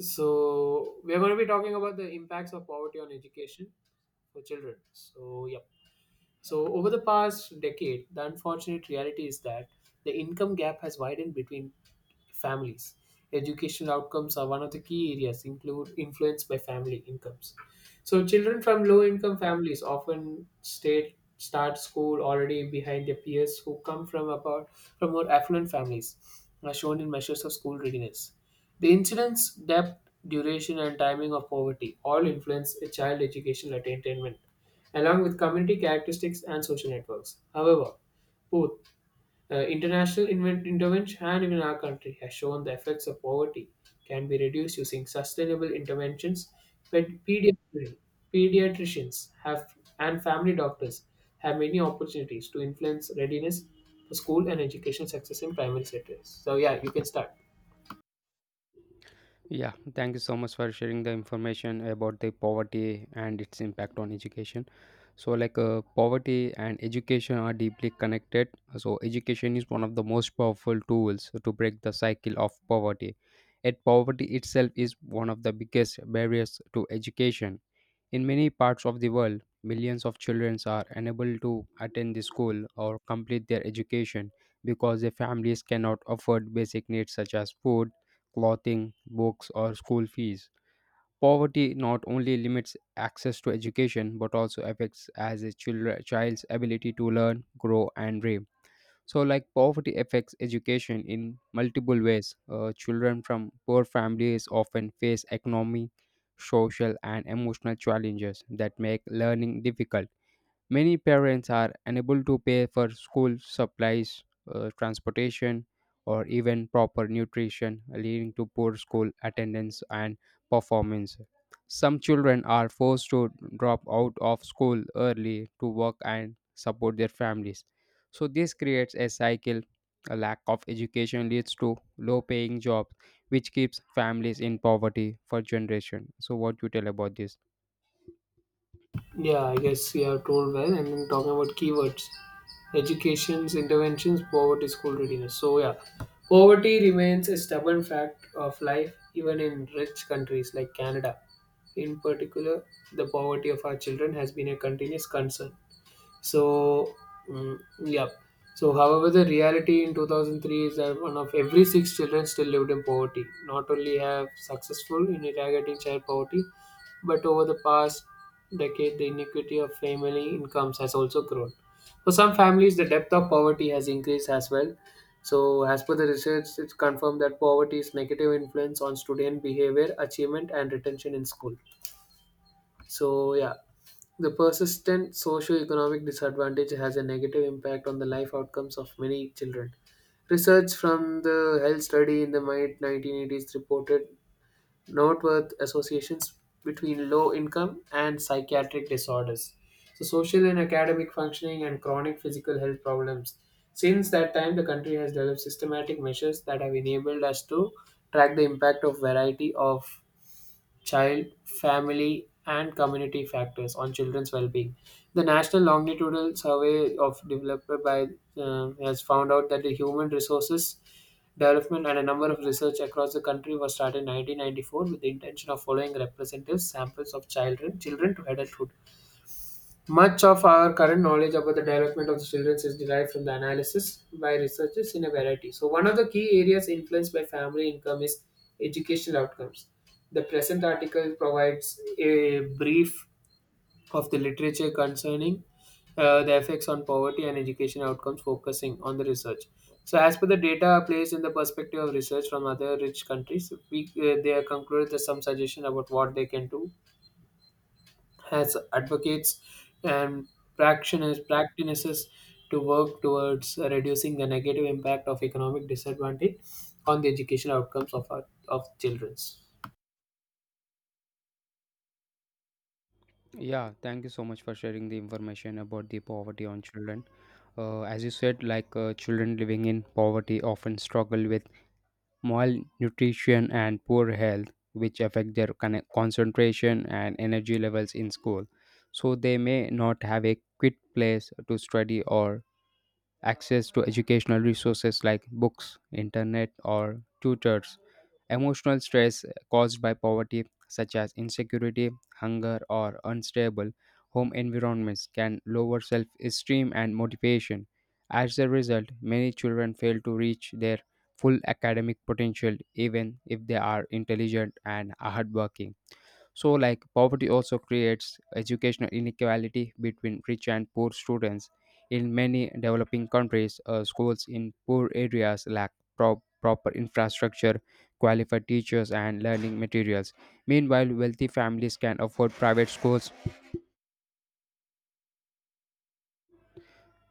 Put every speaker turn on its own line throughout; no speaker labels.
So we are going to be talking about the impacts of poverty on education for children. So yeah. So, over the past decade, the unfortunate reality is that the income gap has widened between families. Educational outcomes are one of the key areas include influenced by family incomes. So, children from low income families often start school already behind their peers who come from about from more affluent families, as shown in measures of school readiness. The incidence, depth, duration, and timing of poverty all influence a child educational attainment along with community characteristics and social networks. However, both intervention and even our country has shown the effects of poverty can be reduced using sustainable interventions. But pediatricians have and family doctors have many opportunities to influence readiness for school and education success in primary sectors. So yeah, you can start.
Yeah, thank you so much for sharing the information about the poverty and its impact on education. So, poverty and education are deeply connected. So, education is one of the most powerful tools to break the cycle of poverty. Yet, poverty itself is one of the biggest barriers to education. In many parts of the world, millions of children are unable to attend the school or complete their education because their families cannot afford basic needs such as food, clothing, books, or school fees. Poverty not only limits access to education but also affects as a child's ability to learn, grow, and dream. So, like poverty affects education in multiple ways. Children from poor families often face economic, social, and emotional challenges that make learning difficult. Many parents are unable to pay for school supplies, transportation, or even proper nutrition, leading to poor school attendance and performance. Some children are forced to drop out of school early to work and support their families. So, this creates a cycle. A lack of education leads to low paying jobs, which keeps families in poverty for generation. So, what you tell about this?
Yeah, I guess you have told well. And then talking about keywords, education's interventions, poverty, school readiness. So yeah, poverty remains a stubborn fact of life even in rich countries like Canada. In particular, the poverty of our children has been a continuous concern. So, mm, yeah. So, however, the reality in 2003 is that one of every six children still lived in poverty. Not only have successful in eradicating child poverty, but over the past decade, the inequity of family incomes has also grown. For some families, the depth of poverty has increased as well. So, as per the research, it's confirmed that poverty's negative influence on student behavior, achievement, and retention in school. So, yeah, the persistent socio-economic disadvantage has a negative impact on the life outcomes of many children. Research from the health study in the mid 1980s reported noteworthy associations between low income and psychiatric disorders. So, social and academic functioning and chronic physical health problems. Since that time, the country has developed systematic measures that have enabled us to track the impact of variety of child, family, and community factors on children's well-being. The National Longitudinal Survey of developed by has found out that the human resources development and a number of research across the country was started in 1994 with the intention of following representative samples of children to adulthood much of our current knowledge about the development of the children is derived from the analysis by researchers in a variety. So, one of the key areas influenced by family income is educational outcomes. The present article provides a brief of the literature concerning the effects on poverty and education outcomes, focusing on the research. So, as per the data placed in the perspective of research from other rich countries, we, they have concluded that some suggestion about what they can do has advocates and practitioners practices to work towards reducing the negative impact of economic disadvantage on the educational outcomes of our of children.
Yeah, thank you so much for sharing the information about the poverty on children. As you said, children living in poverty often struggle with malnutrition and poor health, which affect their concentration and energy levels in school. So they may not have a quick place to study or access to educational resources like books, internet, or tutors, emotional stress caused by poverty, such as insecurity, hunger, or unstable home environments, can lower self esteem and motivation. As a result, many children fail to reach their full academic potential even if they are intelligent and hardworking. So, like, poverty also creates educational inequality between rich and poor students. In many developing countries, schools in poor areas lack proper infrastructure, qualified teachers, and learning materials. Meanwhile, wealthy families can afford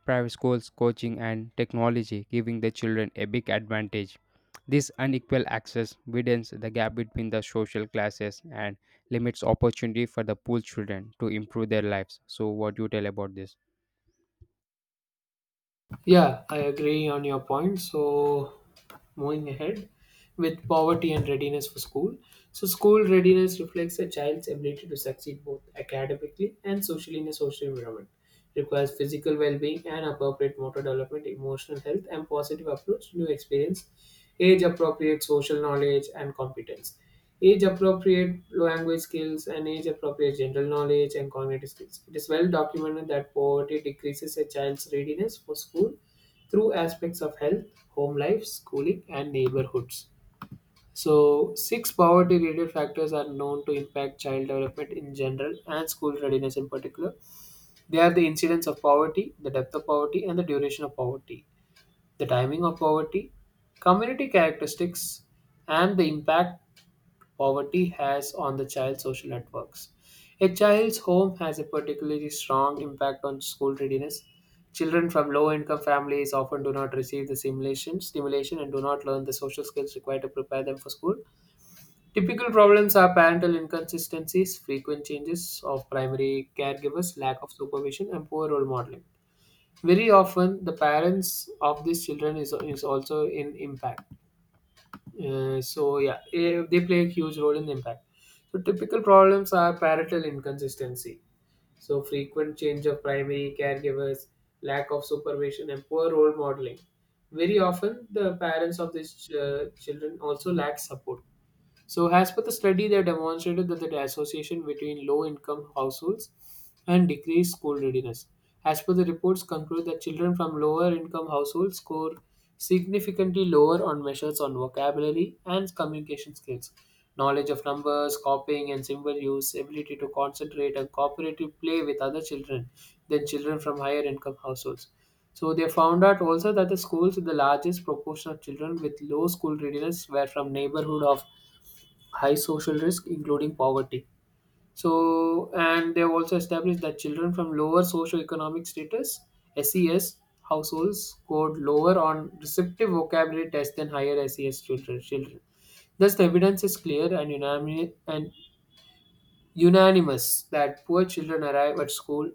private schools, coaching, and technology, giving the children a big advantage. This unequal access widens the gap between the social classes and limits opportunity for the poor children to improve their lives. So, what do you tell about this?
Yeah, I agree on your point. So, moving ahead with poverty and readiness for school. So, school readiness reflects a child's ability to succeed both academically and socially in a social environment. Requires physical well being and appropriate motor development, emotional health, and positive approach to new experience, age appropriate social knowledge, and competence. Age appropriate language skills and age appropriate general knowledge and cognitive skills. It is well documented that poverty decreases a child's readiness for school through aspects of health, home life, schooling, and neighborhoods. So, six poverty related factors are known to impact child development in general and school readiness in particular. They are the incidence of poverty, the depth of poverty, and the duration of poverty, the timing of poverty, community characteristics, and the impact poverty has on the child's social networks. A child's home has a particularly strong impact on school readiness. Children from low income families often do not receive the stimulation and do not learn the social skills required to prepare them for school. Typical problems are parental inconsistencies, frequent changes of primary caregivers, lack of supervision, and poor role modeling. Very often, the parents of these children is also in impact. They play a huge role in the impact. So typical problems are parental inconsistency. So frequent change of primary caregivers, lack of supervision, and poor role modeling. Very often, the parents of these children also lack support. So, as per the study, they demonstrated that the association between low income households and decreased school readiness. As per the reports, conclude that children from lower income households score significantly lower on measures on vocabulary and communication skills, knowledge of numbers, copying and symbol use, ability to concentrate and cooperative play with other children than children from higher income households. So they found out also that the schools with the largest proportion of children with low school readiness were from neighborhood of high social risk, including poverty. So, and they have also established that children from lower socioeconomic status (SES) households scored lower on receptive vocabulary tests than higher SES children. Thus, the evidence is clear and unanimous that poor children arrive at school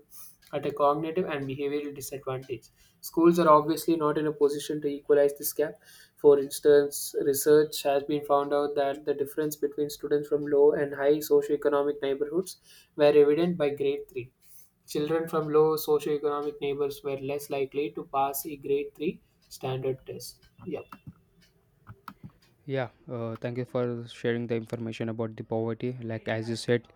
at a cognitive and behavioral disadvantage. Schools are obviously not in a position to equalize this gap. For instance, research has been found out that the difference between students from low and high socioeconomic neighborhoods were evident by grade 3. Children from low socioeconomic neighbors were less likely to pass a grade 3 standard test. Yeah.
Yeah, thank you for sharing the information about the poverty. Like as you said,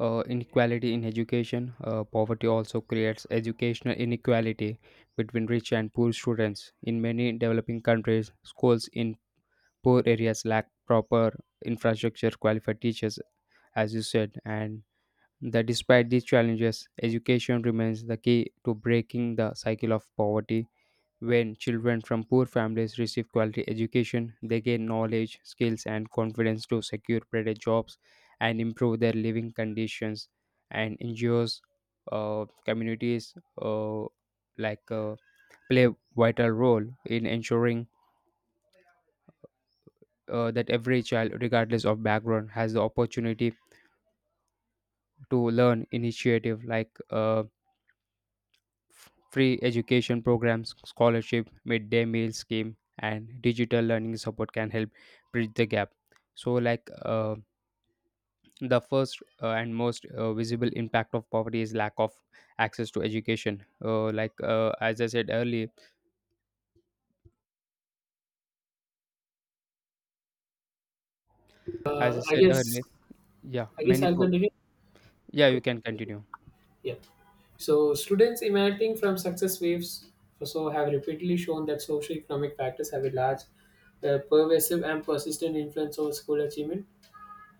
inequality in education, poverty also creates educational inequality between rich and poor students. In many developing countries, schools in poor areas lack proper infrastructure, qualified teachers, as you said, and that despite these challenges, education remains the key to breaking the cycle of poverty. When children from poor families receive quality education, they gain knowledge, skills, and confidence to secure better jobs and improve their living conditions. And NGOs, communities, uh, like uh, play vital role in ensuring that every child, regardless of background, has the opportunity to learn initiative free education programs, scholarship, midday meal scheme, and digital learning support can help bridge the gap. So, the first and most visible impact of poverty is lack of access to education. As I said earlier, as I
Uh, I
said
guess
earlier, yeah,
I guess
many
I'll continue.
yeah, you
Okay.
can continue.
Yeah. So, students emanating from success waves also have repeatedly shown that socioeconomic factors have a large, pervasive, and persistent influence over school achievement.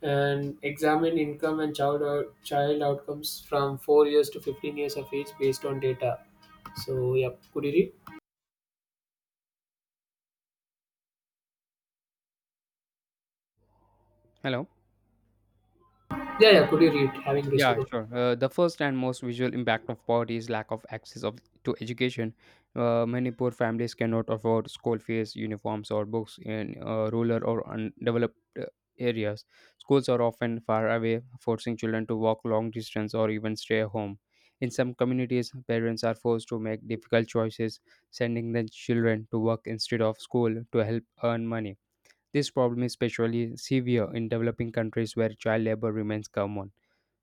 And examine income and child outcomes from 4 years to 15 years of age based on data. So, yeah, could you read?
Hello.
Yeah, yeah, could you read? Having this,
Yeah, sure. The first and most visual impact of poverty is lack of access of to education. Many poor families cannot afford school fees, uniforms, or books in rural or undeveloped areas. Schools are often far away, forcing children to walk long distance or even stay home. In some communities, parents are forced to make difficult choices, sending their children to work instead of school to help earn money. This problem is especially severe in developing countries where child labor remains common.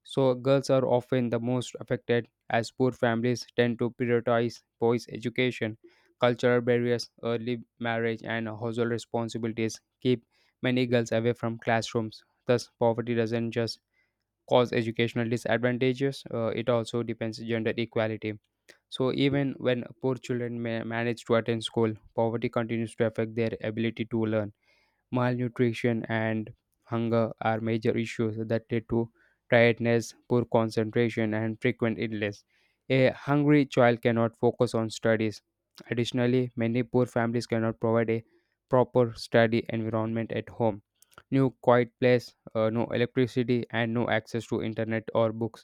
So, girls are often the most affected as poor families tend to prioritize boys' education. Cultural barriers, early marriage, and household responsibilities keep many girls away from classrooms. Thus, poverty doesn't just cause educational disadvantages, it also depends gender equality. So, even when poor children manage to attend school, poverty continues to affect their ability to learn. Malnutrition and hunger are major issues that lead to tiredness, poor concentration, and frequent illness. A hungry child cannot focus on studies. Additionally, many poor families cannot provide a proper study environment at home. No quiet place, no electricity, and no access to internet or books.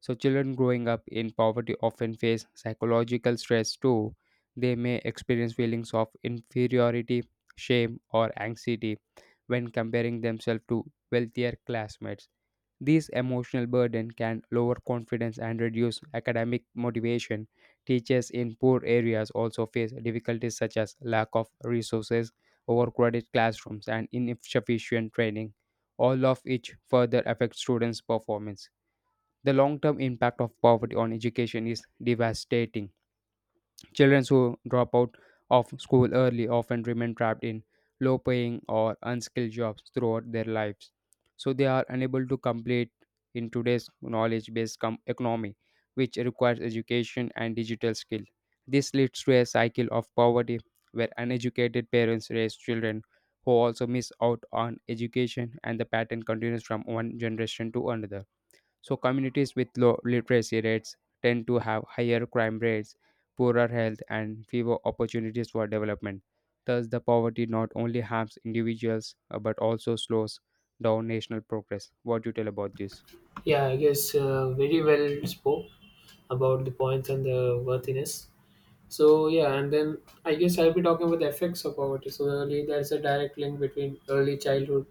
So, children growing up in poverty often face psychological stress too. They may experience feelings of inferiority shame, or anxiety when comparing themselves to wealthier classmates. This emotional burden can lower confidence and reduce academic motivation. Teachers in poor areas also face difficulties such as lack of resources, overcrowded classrooms, and insufficient training, all of which further affect students' performance. The long term impact of poverty on education is devastating. Children who drop out of school early often remain trapped in low paying or unskilled jobs throughout their lives. So they are unable to complete in today's knowledge based economy, which requires education and digital skill. This leads to a cycle of poverty where uneducated parents raise children who also miss out on education, and the pattern continues from one generation to another. So communities with low literacy rates tend to have higher crime rates, poorer health, and fewer opportunities for development. Thus, the poverty not only harms individuals but also slows down national progress. What do you tell about this?
yeah, I guess very well spoke about the points and the worthiness. So yeah, and then I guess I'll be talking about the effects of poverty. So early, there's a direct link between early childhood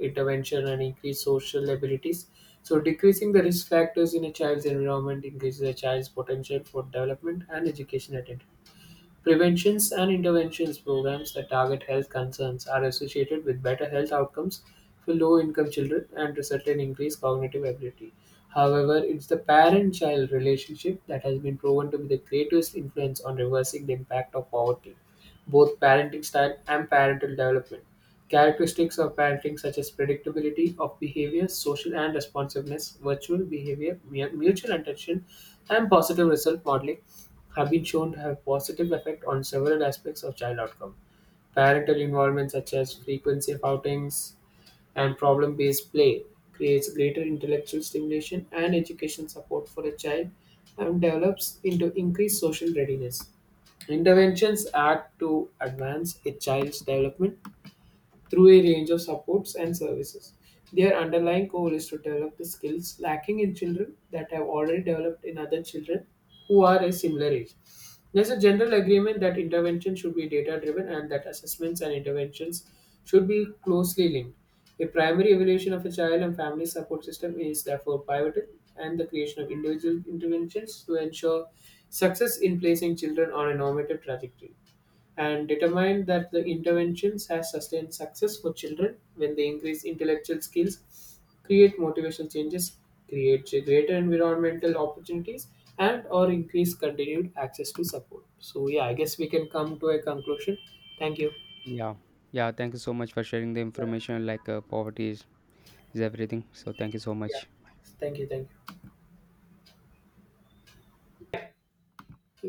intervention and increased social abilities. So decreasing the risk factors in a child's environment increases a child's potential for development and education at it. Preventions and interventions programs that target health concerns are associated with better health outcomes for low income children and result in increased cognitive ability. However, it's the parent child relationship that has been proven to be the greatest influence on reversing the impact of poverty, both parenting style and parental development. Characteristics of parenting, such as predictability of behavior, social and responsiveness, virtual behavior, mutual attention, and positive result modeling, have been shown to have positive effect on several aspects of child outcome. Parental involvement such as frequency of outings and problem-based play creates greater intellectual stimulation and education support for a child and develops into increased social readiness. Interventions act to advance a child's development through a range of supports and services. Their underlying goal is to develop the skills lacking in children that have already developed in other children who are a similar age. There's a general agreement that intervention should be data driven and that assessments and interventions should be closely linked. A primary evaluation of a child and family support system is therefore pivotal, and the creation of individual interventions to ensure success in placing children on a normative trajectory and determined that the interventions has sustained success for children when they increase intellectual skills, create motivational changes, create greater environmental opportunities, and or increase continued access to support. So yeah, I guess we can come to a conclusion. Thank you.
Yeah, yeah. Thank you so much for sharing the
Yeah.
information. Like is everything. So thank you so
Yeah.
much.
Thank you. Thank you.